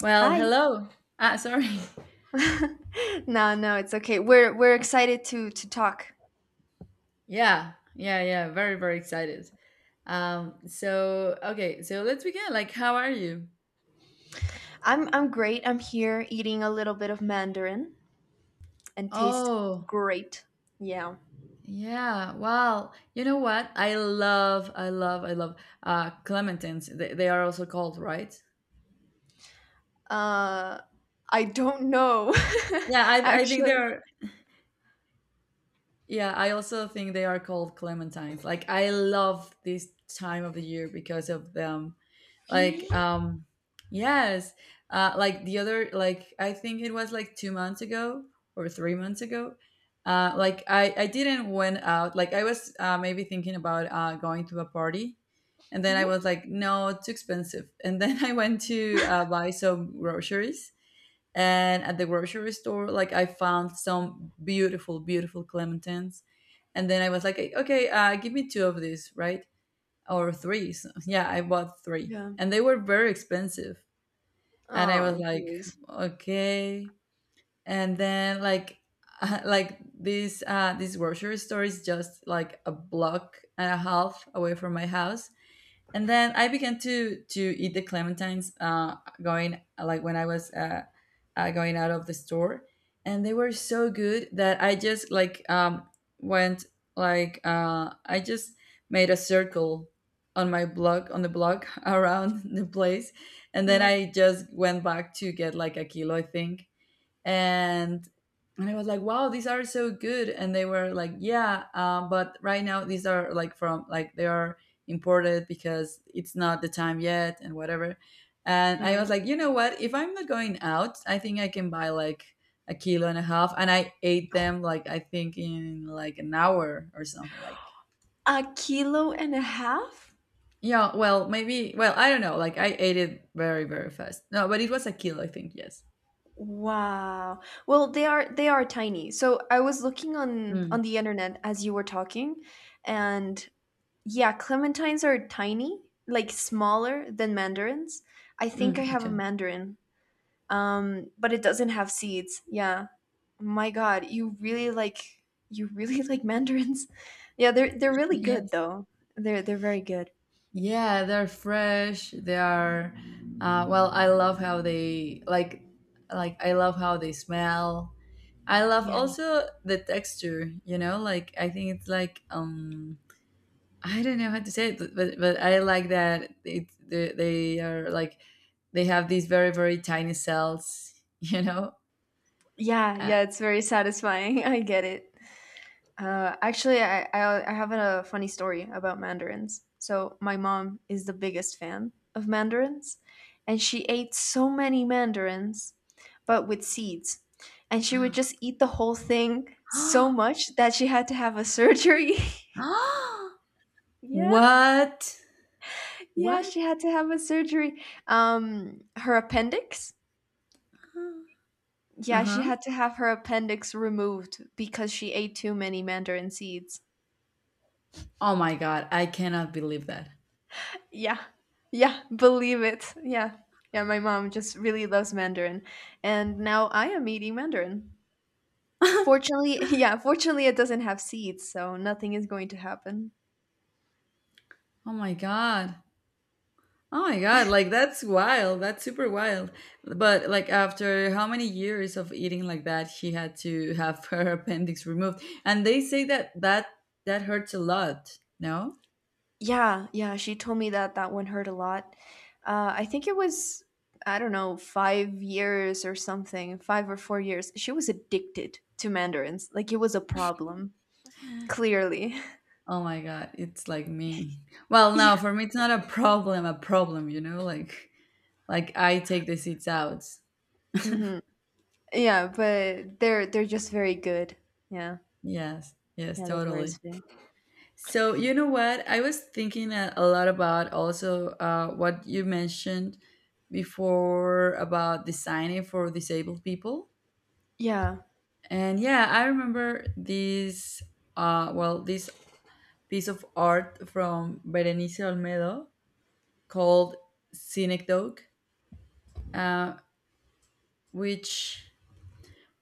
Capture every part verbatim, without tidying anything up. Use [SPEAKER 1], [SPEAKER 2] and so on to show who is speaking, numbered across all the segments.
[SPEAKER 1] Well,
[SPEAKER 2] Hi.
[SPEAKER 1] hello. Ah, sorry.
[SPEAKER 2] no, no, it's okay. We're we're excited to to talk.
[SPEAKER 1] Yeah, yeah, yeah. Very, very excited. Um, so okay, so let's begin. Like, how are you?
[SPEAKER 2] I'm I'm great. I'm here eating a little bit of mandarin and taste
[SPEAKER 1] Oh,
[SPEAKER 2] great. Yeah.
[SPEAKER 1] yeah. Well, you know what? I love, I love, I love uh clementines. They, they are also called, right?
[SPEAKER 2] Uh I don't know.
[SPEAKER 1] Yeah, I I think they
[SPEAKER 2] Actually.
[SPEAKER 1] are. Yeah, I also think they are called clementines. Like, I love this time of the year because of them, like.
[SPEAKER 2] Really?
[SPEAKER 1] Um yes uh Like the other, like, I think it was like two months ago or three months ago. Uh like i i didn't went out. Like, I was uh, maybe thinking about uh going to a party, and then I
[SPEAKER 2] Mhm.
[SPEAKER 1] was like, no, it's too expensive. And then I went to uh, buy some groceries, and at the grocery store, like, I found some beautiful, beautiful clementines. And then I was like, okay, uh, give me two of these, right? Or threes. Yeah, I bought three
[SPEAKER 2] Yeah.
[SPEAKER 1] and they were very expensive. And I was
[SPEAKER 2] Oh,
[SPEAKER 1] like,
[SPEAKER 2] jeez.
[SPEAKER 1] okay. And then, like, like this uh this grocery store is just like a block and a half away from my house, and then I began to to eat the clementines, uh, going, like, when I was uh, uh, going out of the store, and they were so good that I just, like, um, went, like, uh, I just made a circle on my block, on the block, around the place, and then
[SPEAKER 2] Yeah.
[SPEAKER 1] I just went back to get, like, a kilo, I think, and and I was like, wow, these are so good. And they were like, yeah, um, but right now these are like from, like, they are imported because it's not the time yet and whatever. And I
[SPEAKER 2] Yeah.
[SPEAKER 1] was like, you know what? If I'm not going out, I think I can buy like a kilo and a half. And I ate them, like, I think in like an hour or something. Like,
[SPEAKER 2] A kilo and a half?
[SPEAKER 1] yeah, well, maybe, well, I don't know. Like, I ate it very, very fast. No, but it was a kilo, I think. Yes.
[SPEAKER 2] Wow. Well, they are they are tiny. So I was looking on
[SPEAKER 1] Mm,
[SPEAKER 2] on the internet as you were talking, and yeah, clementines are tiny, like smaller than mandarins. I think I
[SPEAKER 1] mm,
[SPEAKER 2] have a
[SPEAKER 1] okay.
[SPEAKER 2] mandarin, um, but it doesn't have seeds. Yeah, my God, you really like you really like mandarins. Yeah, they're they're really good though. They're they're very good.
[SPEAKER 1] Yeah, they're fresh. They are, uh, well, I love how they like, like I love how they smell. I love
[SPEAKER 2] Yeah,
[SPEAKER 1] also the texture. You know, like, I think it's like, um, I don't know how to say it, but but, but I like that it they, they are like, they have these very, very tiny cells. You know,
[SPEAKER 2] yeah,
[SPEAKER 1] and
[SPEAKER 2] yeah. It's very satisfying. I get it. Uh, actually, I, I I have a funny story about mandarins. So my mom is the biggest fan of mandarins, and she ate so many mandarins, but with seeds, and she would just eat the whole thing so much that she had to have a surgery. yeah,
[SPEAKER 1] what
[SPEAKER 2] yeah,
[SPEAKER 1] what?
[SPEAKER 2] she had to have a surgery. Um, her appendix.
[SPEAKER 1] Uh
[SPEAKER 2] Yeah, she
[SPEAKER 1] huh.
[SPEAKER 2] had to have her appendix removed because she ate too many mandarin seeds.
[SPEAKER 1] Oh my god, I cannot believe that.
[SPEAKER 2] Yeah. Yeah, believe it. Yeah. Yeah, my mom just really loves Mandarin. And now I am eating Mandarin. Fortunately, yeah, fortunately it doesn't have seeds, so nothing is going to happen.
[SPEAKER 1] Oh my God. Oh my God. Like, that's wild. That's super wild. But like, after how many years of eating like that, she had to have her appendix removed. And they say that that that hurts a lot. No?
[SPEAKER 2] Yeah, yeah, she told me that that one hurt a lot. Uh, I think it was, I don't know, five years or something, five or four years. She was addicted to mandarins. Like it was a problem, clearly.
[SPEAKER 1] Oh my God. It's like me. Well, no,
[SPEAKER 2] yeah,
[SPEAKER 1] for me it's not a problem, a problem, you know, like like I take the seeds out.
[SPEAKER 2] hmm, yeah, but they're they're just very good. Yeah,
[SPEAKER 1] Yes. Yes,
[SPEAKER 2] yeah, they're very
[SPEAKER 1] totally.
[SPEAKER 2] sweet.
[SPEAKER 1] So you know what? I was thinking a, a lot about also uh, what you mentioned before about designing for disabled people,
[SPEAKER 2] Yeah.
[SPEAKER 1] and yeah, I remember this. Uh, well, this piece of art from Berenice Olmedo called Synecdoche, uh, which,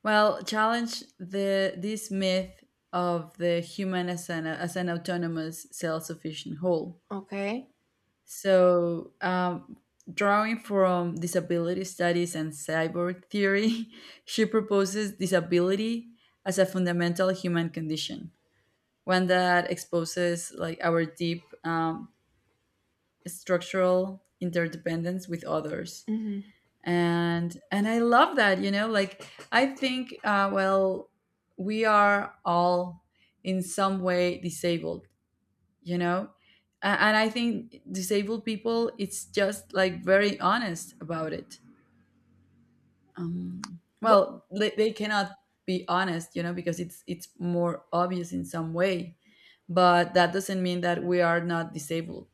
[SPEAKER 1] well, challenged the this myth of the human as an as an autonomous, self sufficient whole.
[SPEAKER 2] Okay.
[SPEAKER 1] So, um, drawing from disability studies and cyborg theory, she proposes disability as a fundamental human condition, one that exposes, like, our deep, um, structural interdependence with others.
[SPEAKER 2] Mhm.
[SPEAKER 1] And and I love that, you know, like, I think, uh, well, we are all in some way disabled you know A- and I think disabled people, it's just like very honest about it, um,
[SPEAKER 2] What?
[SPEAKER 1] well, they, they cannot be honest you know because it's it's more obvious in some way, but that doesn't mean that we are not disabled.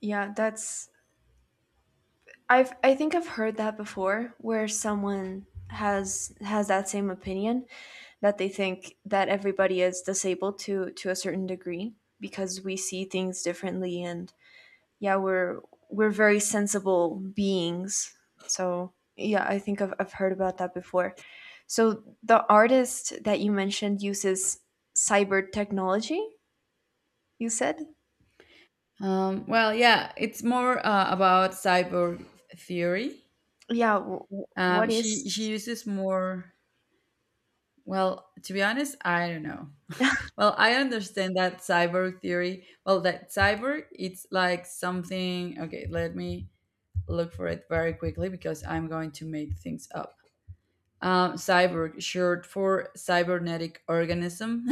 [SPEAKER 2] Yeah. That's. I've. I think I've heard that before, where someone has has that same opinion that they think that everybody is disabled to to a certain degree because we see things differently and yeah we're we're very sensible beings so yeah i think i've, I've heard about that before, so the artist that you mentioned uses cyber technology, you said?
[SPEAKER 1] um, Well, yeah, it's more uh, about cyborg theory.
[SPEAKER 2] Yeah, w- w-
[SPEAKER 1] um,
[SPEAKER 2] what
[SPEAKER 1] she she
[SPEAKER 2] is
[SPEAKER 1] uses more, well, to be honest, I don't know. Well, I understand that cyborg theory. Well, that cyborg, it's like something. Okay, let me look for it very quickly because I'm going to make things up. Um, cyborg, short for cybernetic organism.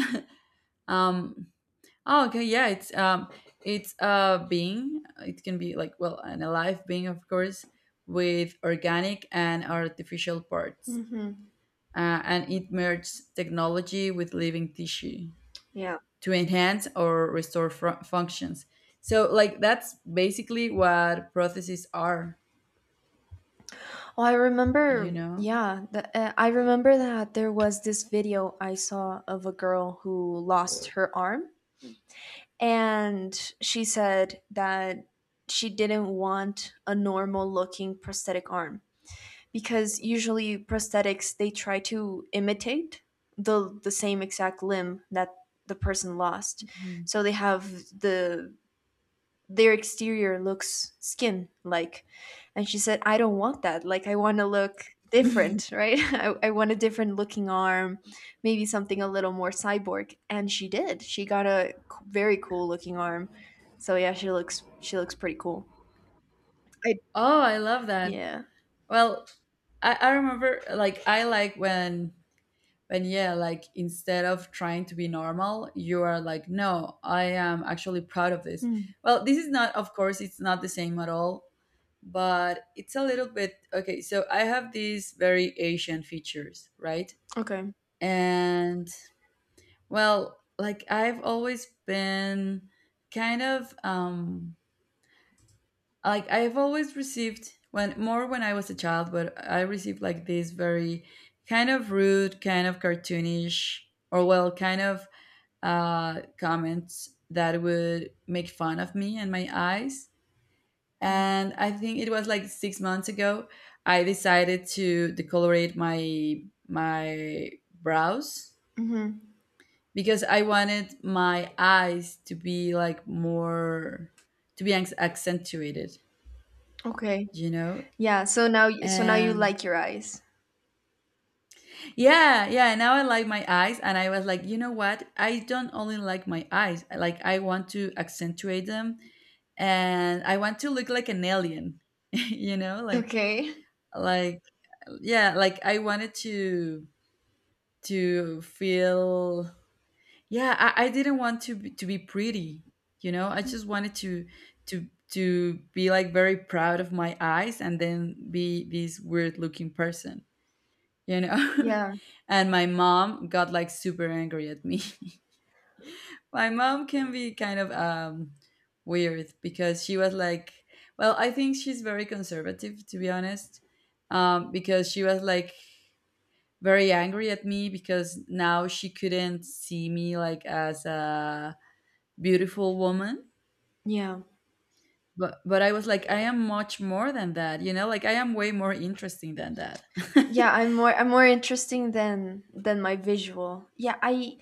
[SPEAKER 1] um, oh, okay, yeah, it's um, it's a being. It can be like, well, an alive being, of course, with organic and artificial parts,
[SPEAKER 2] hmm.
[SPEAKER 1] uh, and it merges technology with living tissue
[SPEAKER 2] Yeah.
[SPEAKER 1] to enhance or restore fr- functions. So, like, that's basically what prostheses are,
[SPEAKER 2] Oh, I
[SPEAKER 1] you
[SPEAKER 2] remember.
[SPEAKER 1] know?
[SPEAKER 2] Yeah, the, uh, I remember that there was this video I saw of a girl who lost her arm, and she said that she didn't want a normal-looking prosthetic arm because usually prosthetics they try to imitate the the same exact limb that the person lost,
[SPEAKER 1] Mhm.
[SPEAKER 2] so they have the their exterior looks skin like, and she said I don't want that, like I want to look different, right? I, I want a different looking arm, maybe something a little more cyborg, and she did, she got a c- very cool looking arm, so yeah, she looks, she looks pretty cool. I
[SPEAKER 1] Oh, I love that.
[SPEAKER 2] yeah.
[SPEAKER 1] Well, I, I remember, like, I like when, when, yeah, like, instead of trying to be normal, you are like, no, I am actually proud of this.
[SPEAKER 2] Hmm.
[SPEAKER 1] Well, this is not, of course, it's not the same at all, but it's a little bit. Okay, so I have these very Asian features, right?
[SPEAKER 2] Okay.
[SPEAKER 1] And, well, like, I've always been kind of, um like I've always received, when more when I was a child, but I received like these very kind of rude, kind of cartoonish, or, well, kind of uh comments that would make fun of me and my eyes. And I think it was like six months ago I decided to decolorate my my brows
[SPEAKER 2] Hmm.
[SPEAKER 1] because I wanted my eyes to be like more, to be ac- accentuated,
[SPEAKER 2] Okay.
[SPEAKER 1] you know?
[SPEAKER 2] Yeah, so now, so now you
[SPEAKER 1] And
[SPEAKER 2] like your eyes.
[SPEAKER 1] yeah, yeah, now I like my eyes and I was like, you know what? I don't only like my eyes. I- Like, I want to accentuate them and I want to look like an alien, you know? Like
[SPEAKER 2] Okay.
[SPEAKER 1] like yeah, like, I wanted to to feel, yeah, I, I didn't want to be, to be pretty, you know. I just wanted to to to be like very proud of my eyes and then be this weird looking person, you know.
[SPEAKER 2] Yeah.
[SPEAKER 1] And my mom got like super angry at me. My mom can be kind of, um weird, because she was like, well, I think she's very conservative, to be honest. Um, because she was like very angry at me because now she couldn't see me like as a beautiful woman,
[SPEAKER 2] Yeah.
[SPEAKER 1] but but I was like, I am much more than that, you know, like, I am way more interesting than that.
[SPEAKER 2] Yeah, i'm more i'm more interesting than than my visual, yeah, i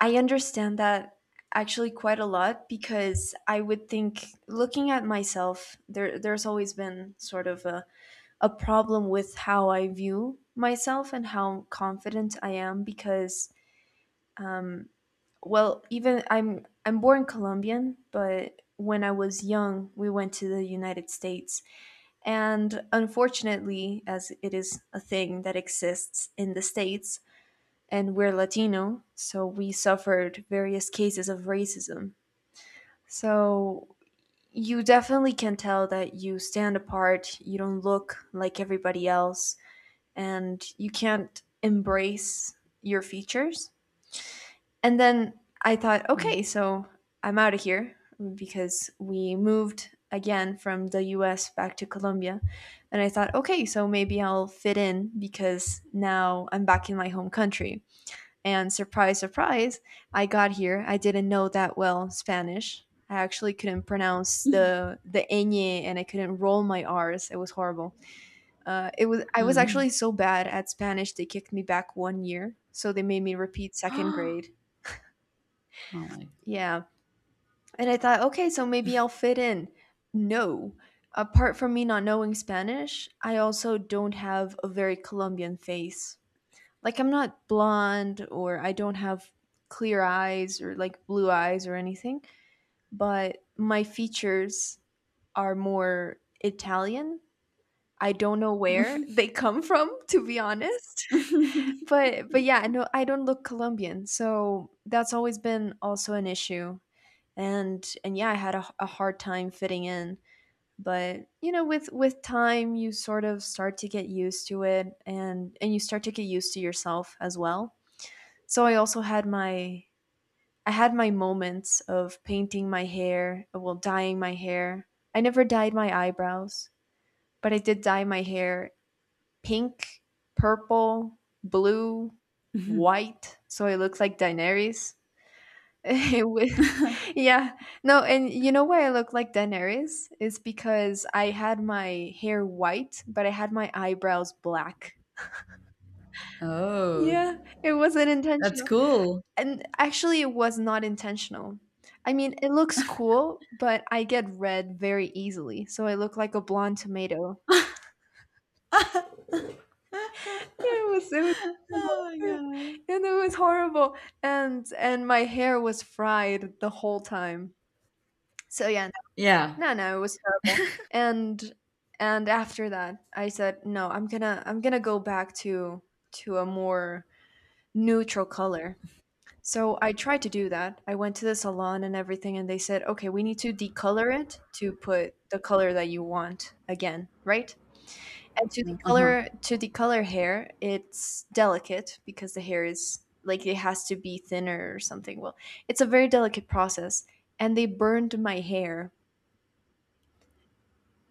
[SPEAKER 2] i understand that actually quite a lot, because I would think looking at myself there there's always been sort of a, a problem with how I view myself and how confident I am because, well, even i'm i'm born Colombian, but when I was young we went to the United States and unfortunately, as it is a thing that exists in the States, and we're Latino, so we suffered various cases of racism. So you definitely can tell that you stand apart, you don't look like everybody else, and you can't embrace your features. And then I thought,
[SPEAKER 1] Mm.
[SPEAKER 2] okay, so I'm out of here because we moved again from the U S back to Colombia. And I thought, okay, so maybe I'll fit in because now I'm back in my home country. And surprise, surprise, I got here. I didn't know that well Spanish. I actually couldn't pronounce the the ñ and I couldn't roll my r's. It was horrible. Uh, it was I was actually so bad at Spanish they kicked me back one year, so they made me repeat second grade.
[SPEAKER 1] Oh my
[SPEAKER 2] Yeah, and I thought, okay, so maybe I'll fit in. No, apart from me not knowing Spanish, I also don't have a very Colombian face, like I'm not blonde or I don't have clear eyes or like blue eyes or anything, but my features are more Italian. I don't know
[SPEAKER 1] God.
[SPEAKER 2] where they come from to be honest. But but yeah, no, I don't look Colombian. So that's always been also an issue. And and yeah, I had a, a hard time fitting in, but you know with with time you sort of start to get used to it and and you start to get used to yourself as well, so I also had my, I had my moments of painting my hair, well, dyeing my hair. I never dyed my eyebrows, but I did dye my hair pink, purple, blue, white, so I looked like Daenerys. It was- yeah, no, and you know why I look like Daenerys is because I had my hair white but I had my eyebrows black.
[SPEAKER 1] Oh,
[SPEAKER 2] Yeah, it wasn't
[SPEAKER 1] that's
[SPEAKER 2] intentional.
[SPEAKER 1] cool.
[SPEAKER 2] And actually it was not intentional. I mean, it looks cool, but I get red very easily, so I look like a blonde tomato.
[SPEAKER 1] Oh
[SPEAKER 2] Yeah, It was it was
[SPEAKER 1] my
[SPEAKER 2] terrible.
[SPEAKER 1] god.
[SPEAKER 2] And it was horrible, and and my hair was fried the whole time. So yeah,
[SPEAKER 1] Yeah.
[SPEAKER 2] no, no, it was terrible. And and after that, I said, no, I'm gonna I'm gonna go back to to a more neutral color. So I tried to do that. I went to the salon and everything, and they said, okay, we need to decolor it to put the color that you want again, right? And to
[SPEAKER 1] Uh-huh.
[SPEAKER 2] decolor, to decolor hair, it's delicate because the hair is like it has to be thinner or something. Well, it's a very delicate process, and they burned my hair.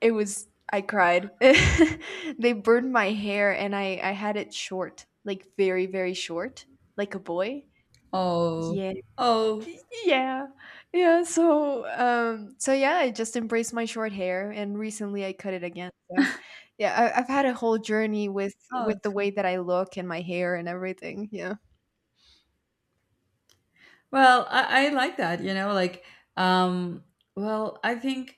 [SPEAKER 2] It was, I cried. They burned my hair, and I I had it short, like very very short, like a boy.
[SPEAKER 1] Oh.
[SPEAKER 2] Yeah.
[SPEAKER 1] Oh.
[SPEAKER 2] Y- yeah. Yeah, so um so yeah, I just embraced my short hair and recently I cut it again, so yeah, I, I've had a whole journey with
[SPEAKER 1] Oh,
[SPEAKER 2] with the way that I look and my hair and everything, yeah.
[SPEAKER 1] well, i, I like that, you know, like, um well, I think.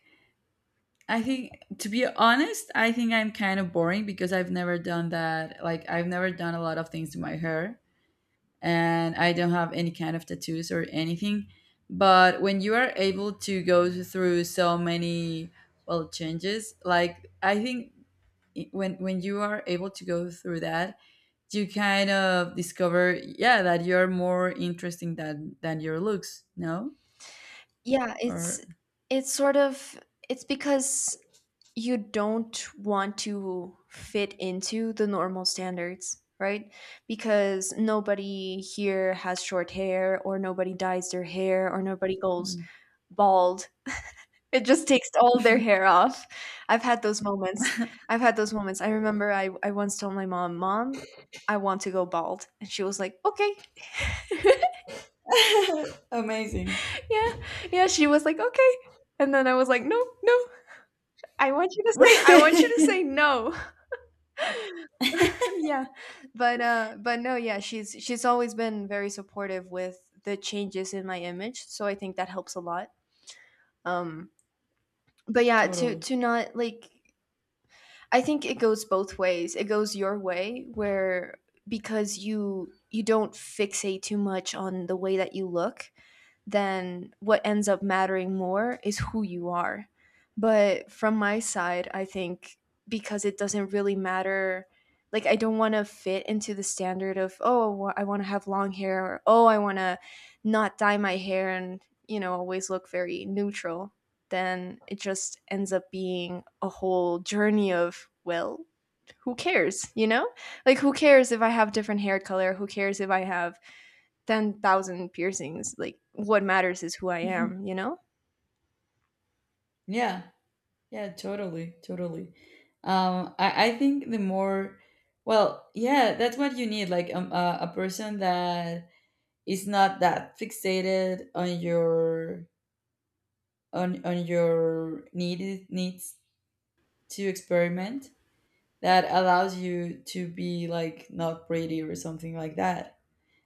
[SPEAKER 1] I think, to be honest, I think I'm kind of boring because I've never done that. Like, I've never done a lot of things to my hair, and I don't have any kind of tattoos or anything. But when you are able to go through so many, well, changes, like, I think, i- when when you are able to go through that, you kind of discover, yeah, that you're more interesting than than your looks, no?
[SPEAKER 2] Yeah, it's
[SPEAKER 1] Or
[SPEAKER 2] it's sort of, it's because you don't want to fit into the normal standards, right? Because nobody here has short hair or nobody dyes their hair or nobody goes bald, it just takes all their hair off. I've had those moments. I've had those moments. I remember I, I once told my mom, Mom, I want to go bald. And she was like, Okay.
[SPEAKER 1] amazing.
[SPEAKER 2] yeah. Yeah. She was like, Okay. And then I was like, No, no. I want you to say I want you to say no. yeah. But uh but no, yeah, she's she's always been very supportive with the changes in my image. So I think that helps a lot. Um but yeah, to
[SPEAKER 1] Totally.
[SPEAKER 2] to not like, I think it goes both ways. It goes your way where, because you you don't fixate too much on the way that you look, then what ends up mattering more is who you are. But from my side, I think because it doesn't really matter, like I don't want to fit into the standard of, oh, I want to have long hair or, oh, I want to not dye my hair and, you know, always look very neutral. Then it just ends up being a whole journey of, well, who cares, you know? Like, who cares if I have different hair color? Who cares if I have ten thousand piercings? Like, what matters is who I
[SPEAKER 1] Mhm.
[SPEAKER 2] am, you know?
[SPEAKER 1] Yeah. Yeah, totally. Totally. Um, I, I think the more, well, yeah, that's what you need. Like, um, a, a person that is not that fixated on your, on, on your needed needs to experiment, that allows you to be like not pretty or something like that.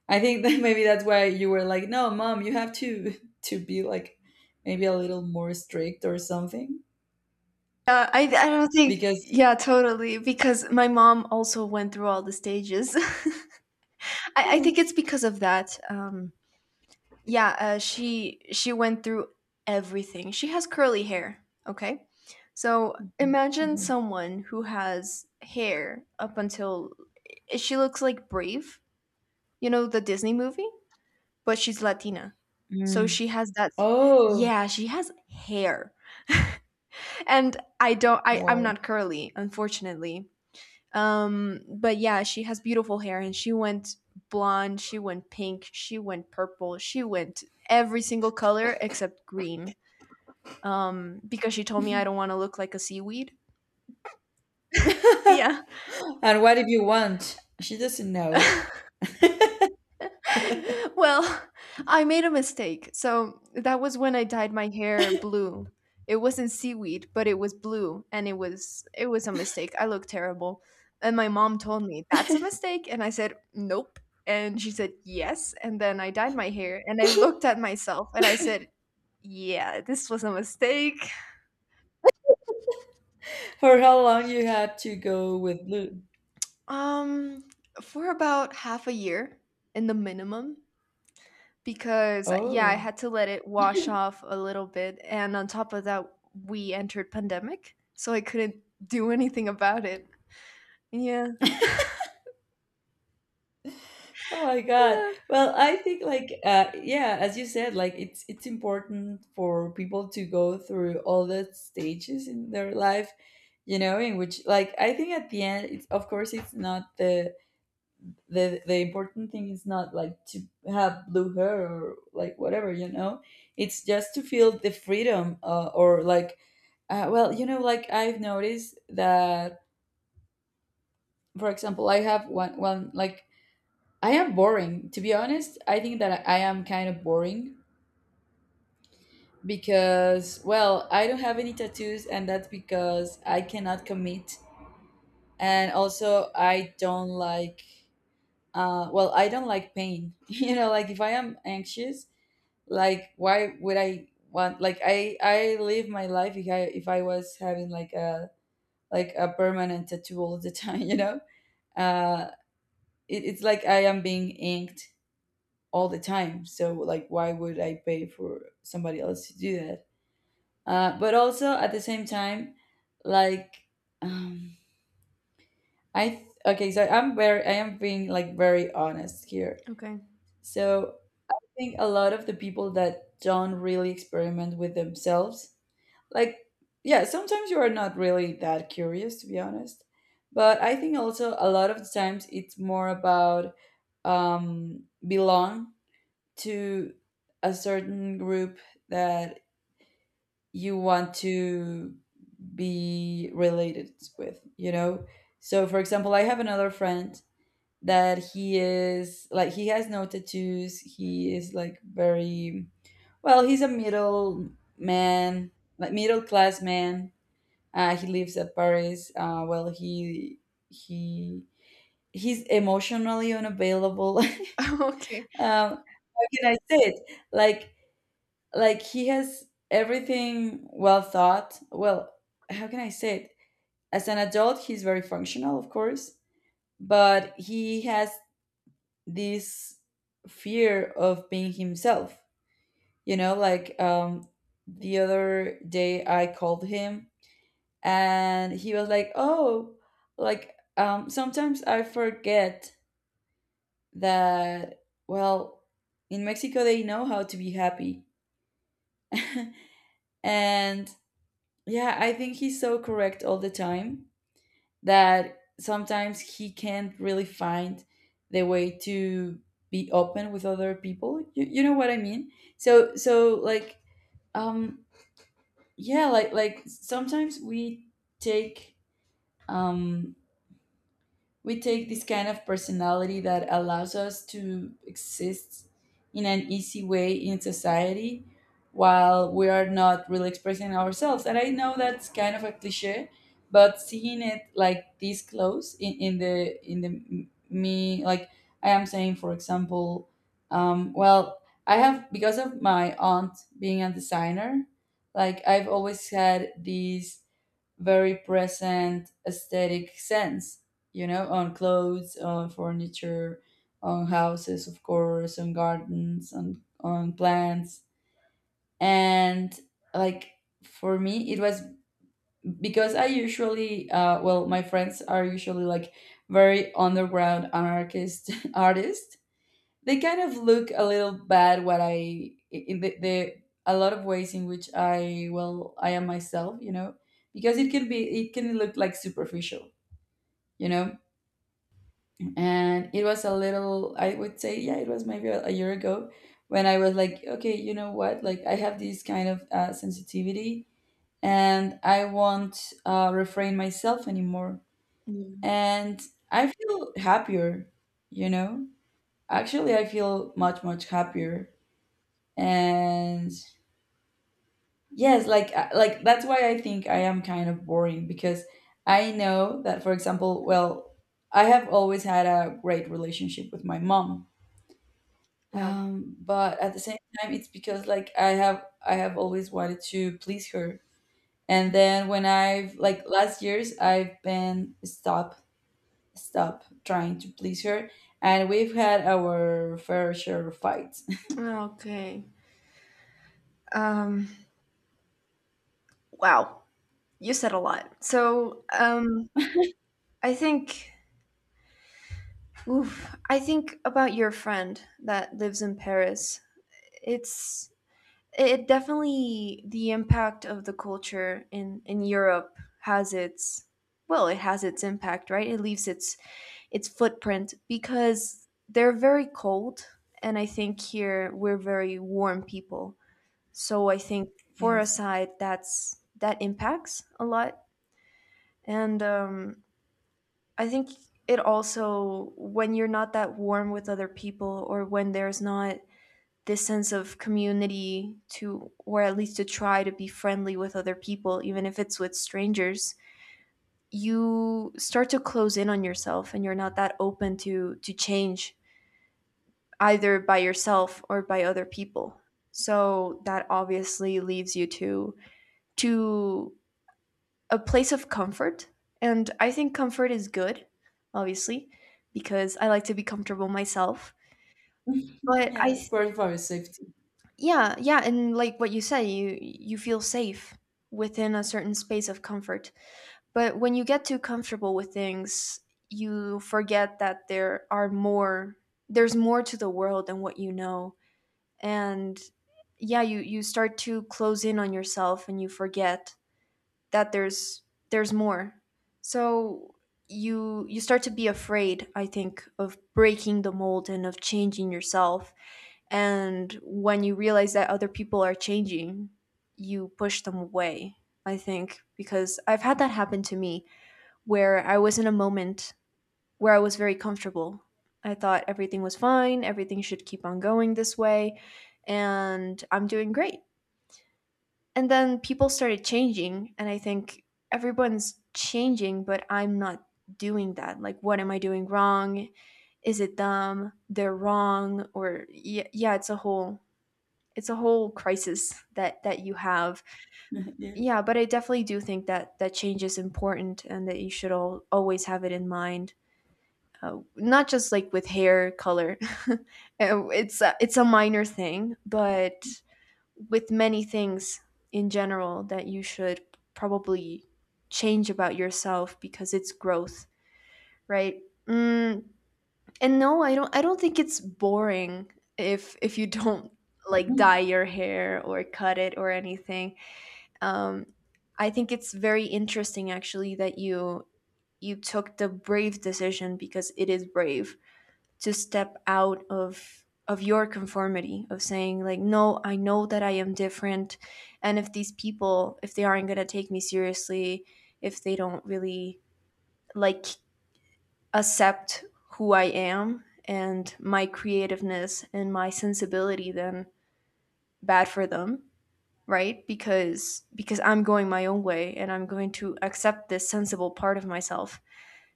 [SPEAKER 1] I think that maybe that's why you were like, no, mom, you have to, to be like maybe a little more strict or something
[SPEAKER 2] Yeah, I, I don't think,
[SPEAKER 1] because.
[SPEAKER 2] yeah, totally. Because my mom also went through all the stages. I, I think
[SPEAKER 1] Oh.
[SPEAKER 2] it's because of that. Um, yeah, uh, she she went through everything. She has curly hair, okay? So imagine
[SPEAKER 1] Mhm.
[SPEAKER 2] someone who has hair up until, eh, she looks like Brave, you know, the Disney movie, but she's Latina. So
[SPEAKER 1] Mm.
[SPEAKER 2] she has that,
[SPEAKER 1] Oh,
[SPEAKER 2] yeah, she has hair. And I don't, I I'm
[SPEAKER 1] wow.
[SPEAKER 2] not curly, unfortunately. Um but yeah, she has beautiful hair and she went blonde, she went pink, she went purple, she went every single color except green. Um because she told me I don't want to look like a seaweed. Yeah.
[SPEAKER 1] And what if you want? She doesn't know.
[SPEAKER 2] Well, I made a mistake. So that was when I dyed my hair blue. It wasn't seaweed, but it was blue, and it was it was a mistake. I looked terrible. And my mom told me, "That's a mistake." And I said, "Nope." And she said, "Yes." And then I dyed my hair and I looked at myself and I said, "Yeah, this was a mistake."
[SPEAKER 1] For how long you had to go with blue?
[SPEAKER 2] Um, for about half a year in the minimum, because yeah, I
[SPEAKER 1] Oh.
[SPEAKER 2] had to let it wash off a little bit, and on top of that we entered pandemic, so I couldn't do anything about it. Yeah.
[SPEAKER 1] Oh my God.
[SPEAKER 2] Yeah,
[SPEAKER 1] Well, I think like, uh yeah, as you said, like, it's it's important for people to go through all the stages in their life, you know, in which, like, I think at the end it's, of course, it's not the, the the important thing is not like to have blue hair or like whatever you know It's just to feel the freedom, uh, or like, uh, well, you know, like, I've noticed that. For example, I have one one, like, I am boring, to be honest. I think that I am kind of boring because, well, I don't have any tattoos, and that's because I cannot commit. And also i don't like uh, well i don't like pain. You know, like, if I am anxious, like, why would I want, like, i i live my life, if I, if i was having like a, like a permanent tattoo all the time. You know, uh it, it's like I am being inked all the time, so like, why would I pay for somebody else to do that? Uh but also, at the same time, like, um i th- okay, so i'm very i am being like very honest here.
[SPEAKER 2] okay.
[SPEAKER 1] So I think a lot of the people that don't really experiment with themselves, like, yeah, sometimes you are not really that curious, to be honest. But I think also a lot of the times it's more about, um belong to a certain group that you want to be related with, you know. So for example, I have another Friend that he is like he has no tattoos. He is like very well, he's a middle man, like middle class man. Uh, he lives at Paris. Uh, well, he he he's emotionally unavailable. Um,
[SPEAKER 2] Okay.
[SPEAKER 1] how can I say it? Like like he has everything well thought. Well, how can I say it? As an adult, he's very functional, of course, but he has this fear of being himself. You know, like um, the other day I called him and he was like, oh, like um sometimes I forget that, well, in Mexico they know how to be happy. And yeah, I think he's so correct all the time that sometimes he can't really find the way to be open with other people, you, you know what I mean. So so like um yeah, like like sometimes we take, um we take this kind of personality that allows us to exist in an easy way in society, while we are not really expressing ourselves. And I know that's kind of a cliche, but seeing it like this close in, in the in the m- me, like I am saying, for example, um, well, I have, because of my aunt being a designer, like I've always had these very present aesthetic sense, you know, on clothes, on furniture, on houses, of course, on gardens, on on plants, and like for me, it was because I usually, uh, well, my friends are usually like very underground anarchist artists. They kind of look a little bad, what I in the, the a lot of ways in which I, well, I am myself, you know, because it can be, it can look like superficial, you know. And it was a little, I would say, yeah, it was maybe a, a year ago when I was like, okay, you know what, like I have this kind of uh, sensitivity and I won't uh, refrain myself anymore.
[SPEAKER 2] Mm,
[SPEAKER 1] And I feel happier, you know, actually I feel much much happier. And yes, like uh, like that's why I think I am kind of boring, because I know that, for example, well, I have always had a great relationship with my mom.
[SPEAKER 2] yeah,
[SPEAKER 1] Um but at the same time, it's because like i have i have always wanted to please her. And then when I've like last years, I've been stop stop trying to please her, and we've had our fair share of fights.
[SPEAKER 2] okay. um wow, you said a lot, so um I think, oof, I think about your friend that lives in Paris. it's it definitely, the impact of the culture in in Europe has its, well, it has its impact, right? It leaves its its footprint, because they're very cold, and I think here we're very warm people. So I think for a
[SPEAKER 1] Yes.
[SPEAKER 2] side that's, that impacts a lot. And um, I think it also, when you're not that warm with other people, or when there's not this sense of community to, or at least to try to be friendly with other people even if it's with strangers, you start to close in on yourself and you're not that open to to change, either by yourself or by other people. So that obviously leaves you to to a place of comfort. And I think comfort is good, obviously, because I like to be comfortable myself, but I
[SPEAKER 1] Yeah, it's part of our safety.
[SPEAKER 2] yeah, yeah, and like what you said, you you feel safe within a certain space of comfort. But when you get too comfortable with things, you forget that there are more, there's more to the world than what you know. And yeah, you you start to close in on yourself and you forget that there's there's more. So you you start to be afraid, I think, of breaking the mold and of changing yourself. And when you realize that other people are changing, you push them away, I think, because I've had that happen to me, where I was in a moment where I was very comfortable. I thought everything was fine, everything should keep on going this way, and I'm doing great. And then people started changing, and I think everyone's changing, but I'm not doing that. Like, what am I doing wrong? Is it them? They're wrong? Or, yeah, yeah, it's a whole, it's a whole crisis that that you have.
[SPEAKER 1] Yes.
[SPEAKER 2] Yeah, but I definitely do think that that change is important and that you should all, always have it in mind. Uh, not just like with hair color. It's a, it's a minor thing, but with many things in general that you should probably change about yourself, because it's growth, right? Mm. And no, i don't I don't think it's boring if if you don't like dye your hair or cut it or anything. um, I think it's very interesting actually that you you took the brave decision, because it is brave to step out of of your conformity, of saying like, no, I know that I am different, and if these people, if they aren't going to take me seriously, if they don't really like accept who I am and my creativeness and my sensibility, then bad for them, right? Because because I'm going my own way and I'm going to accept this sensible part of myself.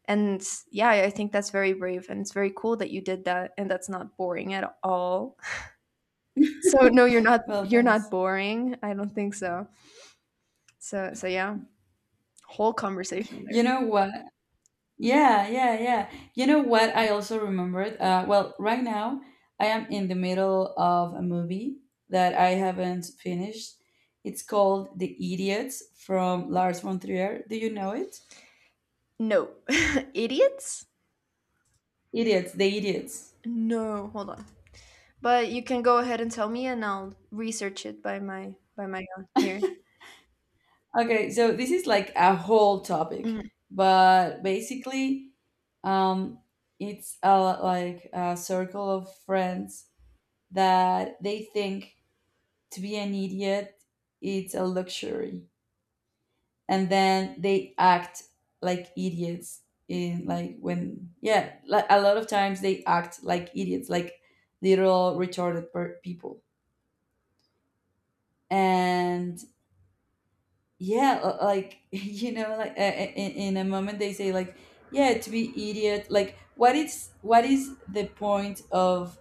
[SPEAKER 2] And yeah, I think that's very brave and it's very cool that you did that, and that's not boring at all. So no, you're not,
[SPEAKER 1] Well,
[SPEAKER 2] you're not
[SPEAKER 1] thanks.
[SPEAKER 2] boring. I don't think so. So so yeah, whole conversation there.
[SPEAKER 1] You know what? Yeah, yeah, yeah. You know what? I also remembered. Uh, well, right now I am in the middle of a movie that I haven't finished. It's called The Idiots from Lars von Trier. Do you know it?
[SPEAKER 2] No. Idiots?
[SPEAKER 1] Idiots, The Idiots.
[SPEAKER 2] No, hold on. But you can go ahead and tell me and I'll research it by my by my own here.
[SPEAKER 1] Okay, so this is like a whole topic,
[SPEAKER 2] Mhm.
[SPEAKER 1] but basically, um, it's a, like a circle of friends that they think to be an idiot it's a luxury. And then they act like idiots, in like, when, yeah, like a lot of times they act like idiots, like little retarded per- people. And yeah, l- like, you know, like uh, in, in a moment they say like, yeah, to be idiot, like what is, what is the point of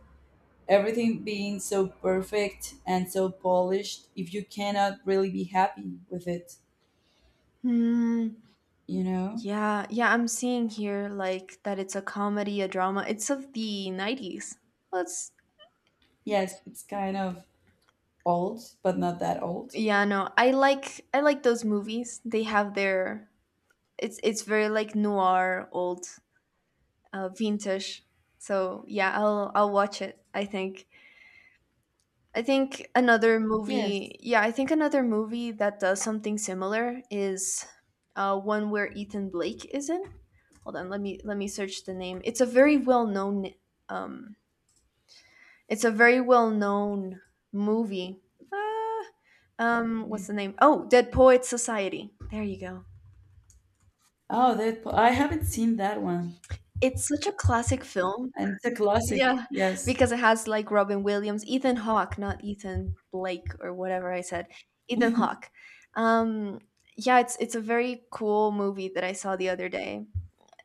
[SPEAKER 1] everything being so perfect and so polished if you cannot really be happy with it,
[SPEAKER 2] Hmm.
[SPEAKER 1] you know.
[SPEAKER 2] Yeah, yeah, I'm seeing here like that it's a comedy, a drama. It's of the nineties. Let's—
[SPEAKER 1] Yes, it's kind of old, but not that old.
[SPEAKER 2] Yeah, no. I like, I like those movies. They have their, it's it's very like noir, old, uh vintage. So, yeah, I'll I'll watch it, I think. I think another
[SPEAKER 1] Yes.
[SPEAKER 2] movie, yeah, I think another movie that does something similar is uh one where Ethan Blake is in. Hold on, let me let me search the name. It's a very well-known um it's a very well-known movie. Ah, um, what's the name? Oh, Dead Poets Society. There you go.
[SPEAKER 1] Oh, Deadpool. I haven't seen that one.
[SPEAKER 2] It's such a classic film.
[SPEAKER 1] And it's a classic.
[SPEAKER 2] Yeah,
[SPEAKER 1] Yes.
[SPEAKER 2] because it has like Robin Williams, Ethan Hawke, not Ethan Blake or whatever I said. Ethan Hawke. Um, yeah, it's it's a very cool movie that I saw the other day.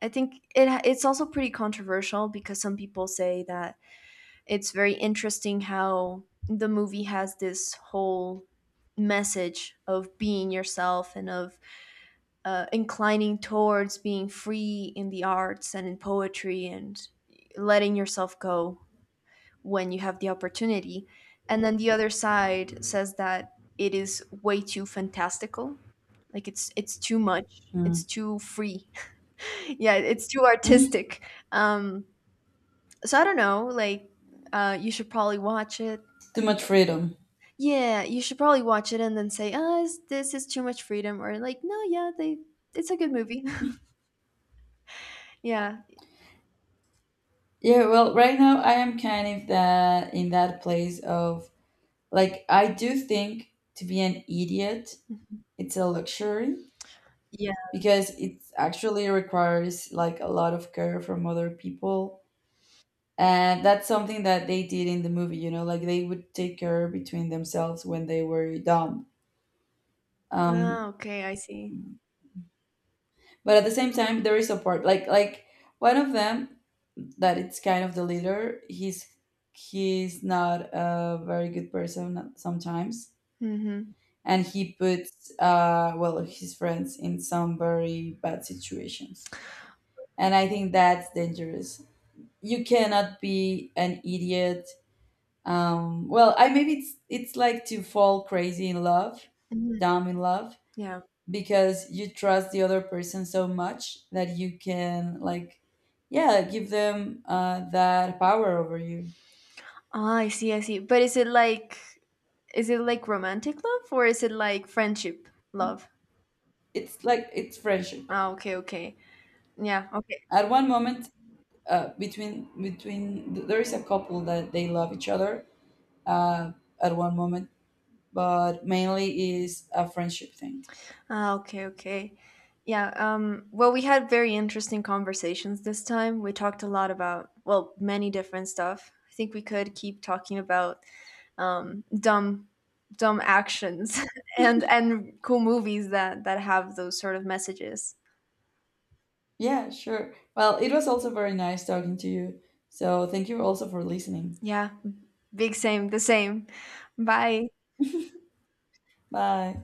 [SPEAKER 2] I think it ha- it's also pretty controversial because some people say that it's very interesting how the movie has this whole message of being yourself and of uh, inclining towards being free in the arts and in poetry, and letting yourself go when you have the opportunity. And then the other side says that it is way too fantastical. Like, it's it's too much. It's
[SPEAKER 1] Mm.
[SPEAKER 2] too free. Yeah, it's too
[SPEAKER 1] Mm.
[SPEAKER 2] artistic. Um, so I don't know. Like, uh, you should probably watch it.
[SPEAKER 1] Too much freedom.
[SPEAKER 2] Yeah, you should probably watch it and then say, "Ah, is- this is too much freedom," or like, "No, yeah, they, it's a good movie." Yeah.
[SPEAKER 1] Yeah, well, right now I am kind of that, in that place of, like, I do think to be an idiot
[SPEAKER 2] Mhm.
[SPEAKER 1] it's a luxury
[SPEAKER 2] Yeah.
[SPEAKER 1] because it actually requires like a lot of care from other people. And that's something that they did in the movie, you know, like they would take care between themselves when they were dumb. um
[SPEAKER 2] Ah, okay, I see.
[SPEAKER 1] but at the same time there is support, like like one of them that it's kind of the leader, he's he's not a very good person sometimes.
[SPEAKER 2] Mm-hmm.
[SPEAKER 1] And he puts, uh well, his friends in some very bad situations, and I think that's dangerous. You cannot be an idiot. Um well, I, maybe it's it's like to fall crazy in love,
[SPEAKER 2] Hmm.
[SPEAKER 1] dumb in love,
[SPEAKER 2] Yeah.
[SPEAKER 1] because you trust the other person so much that you can like, yeah, give them, uh, that power over you.
[SPEAKER 2] Ah, I see. I see. But is it like, is it like romantic love or is it like friendship love?
[SPEAKER 1] It's like, it's friendship.
[SPEAKER 2] Ah, okay, okay. Yeah. Okay.
[SPEAKER 1] At one moment, uh, between between there is a couple that they love each other, uh, at one moment, but mainly is a friendship thing.
[SPEAKER 2] Ah, okay, okay. Yeah, um, well, we had very interesting conversations this time. We talked a lot about, well, many different stuff. I think we could keep talking about um, dumb, dumb actions and and cool movies that that have those sort of messages.
[SPEAKER 1] Yeah, sure, well, it was also very nice talking to you, so thank you also for listening.
[SPEAKER 2] Yeah, big same, the same. Bye.
[SPEAKER 1] Bye.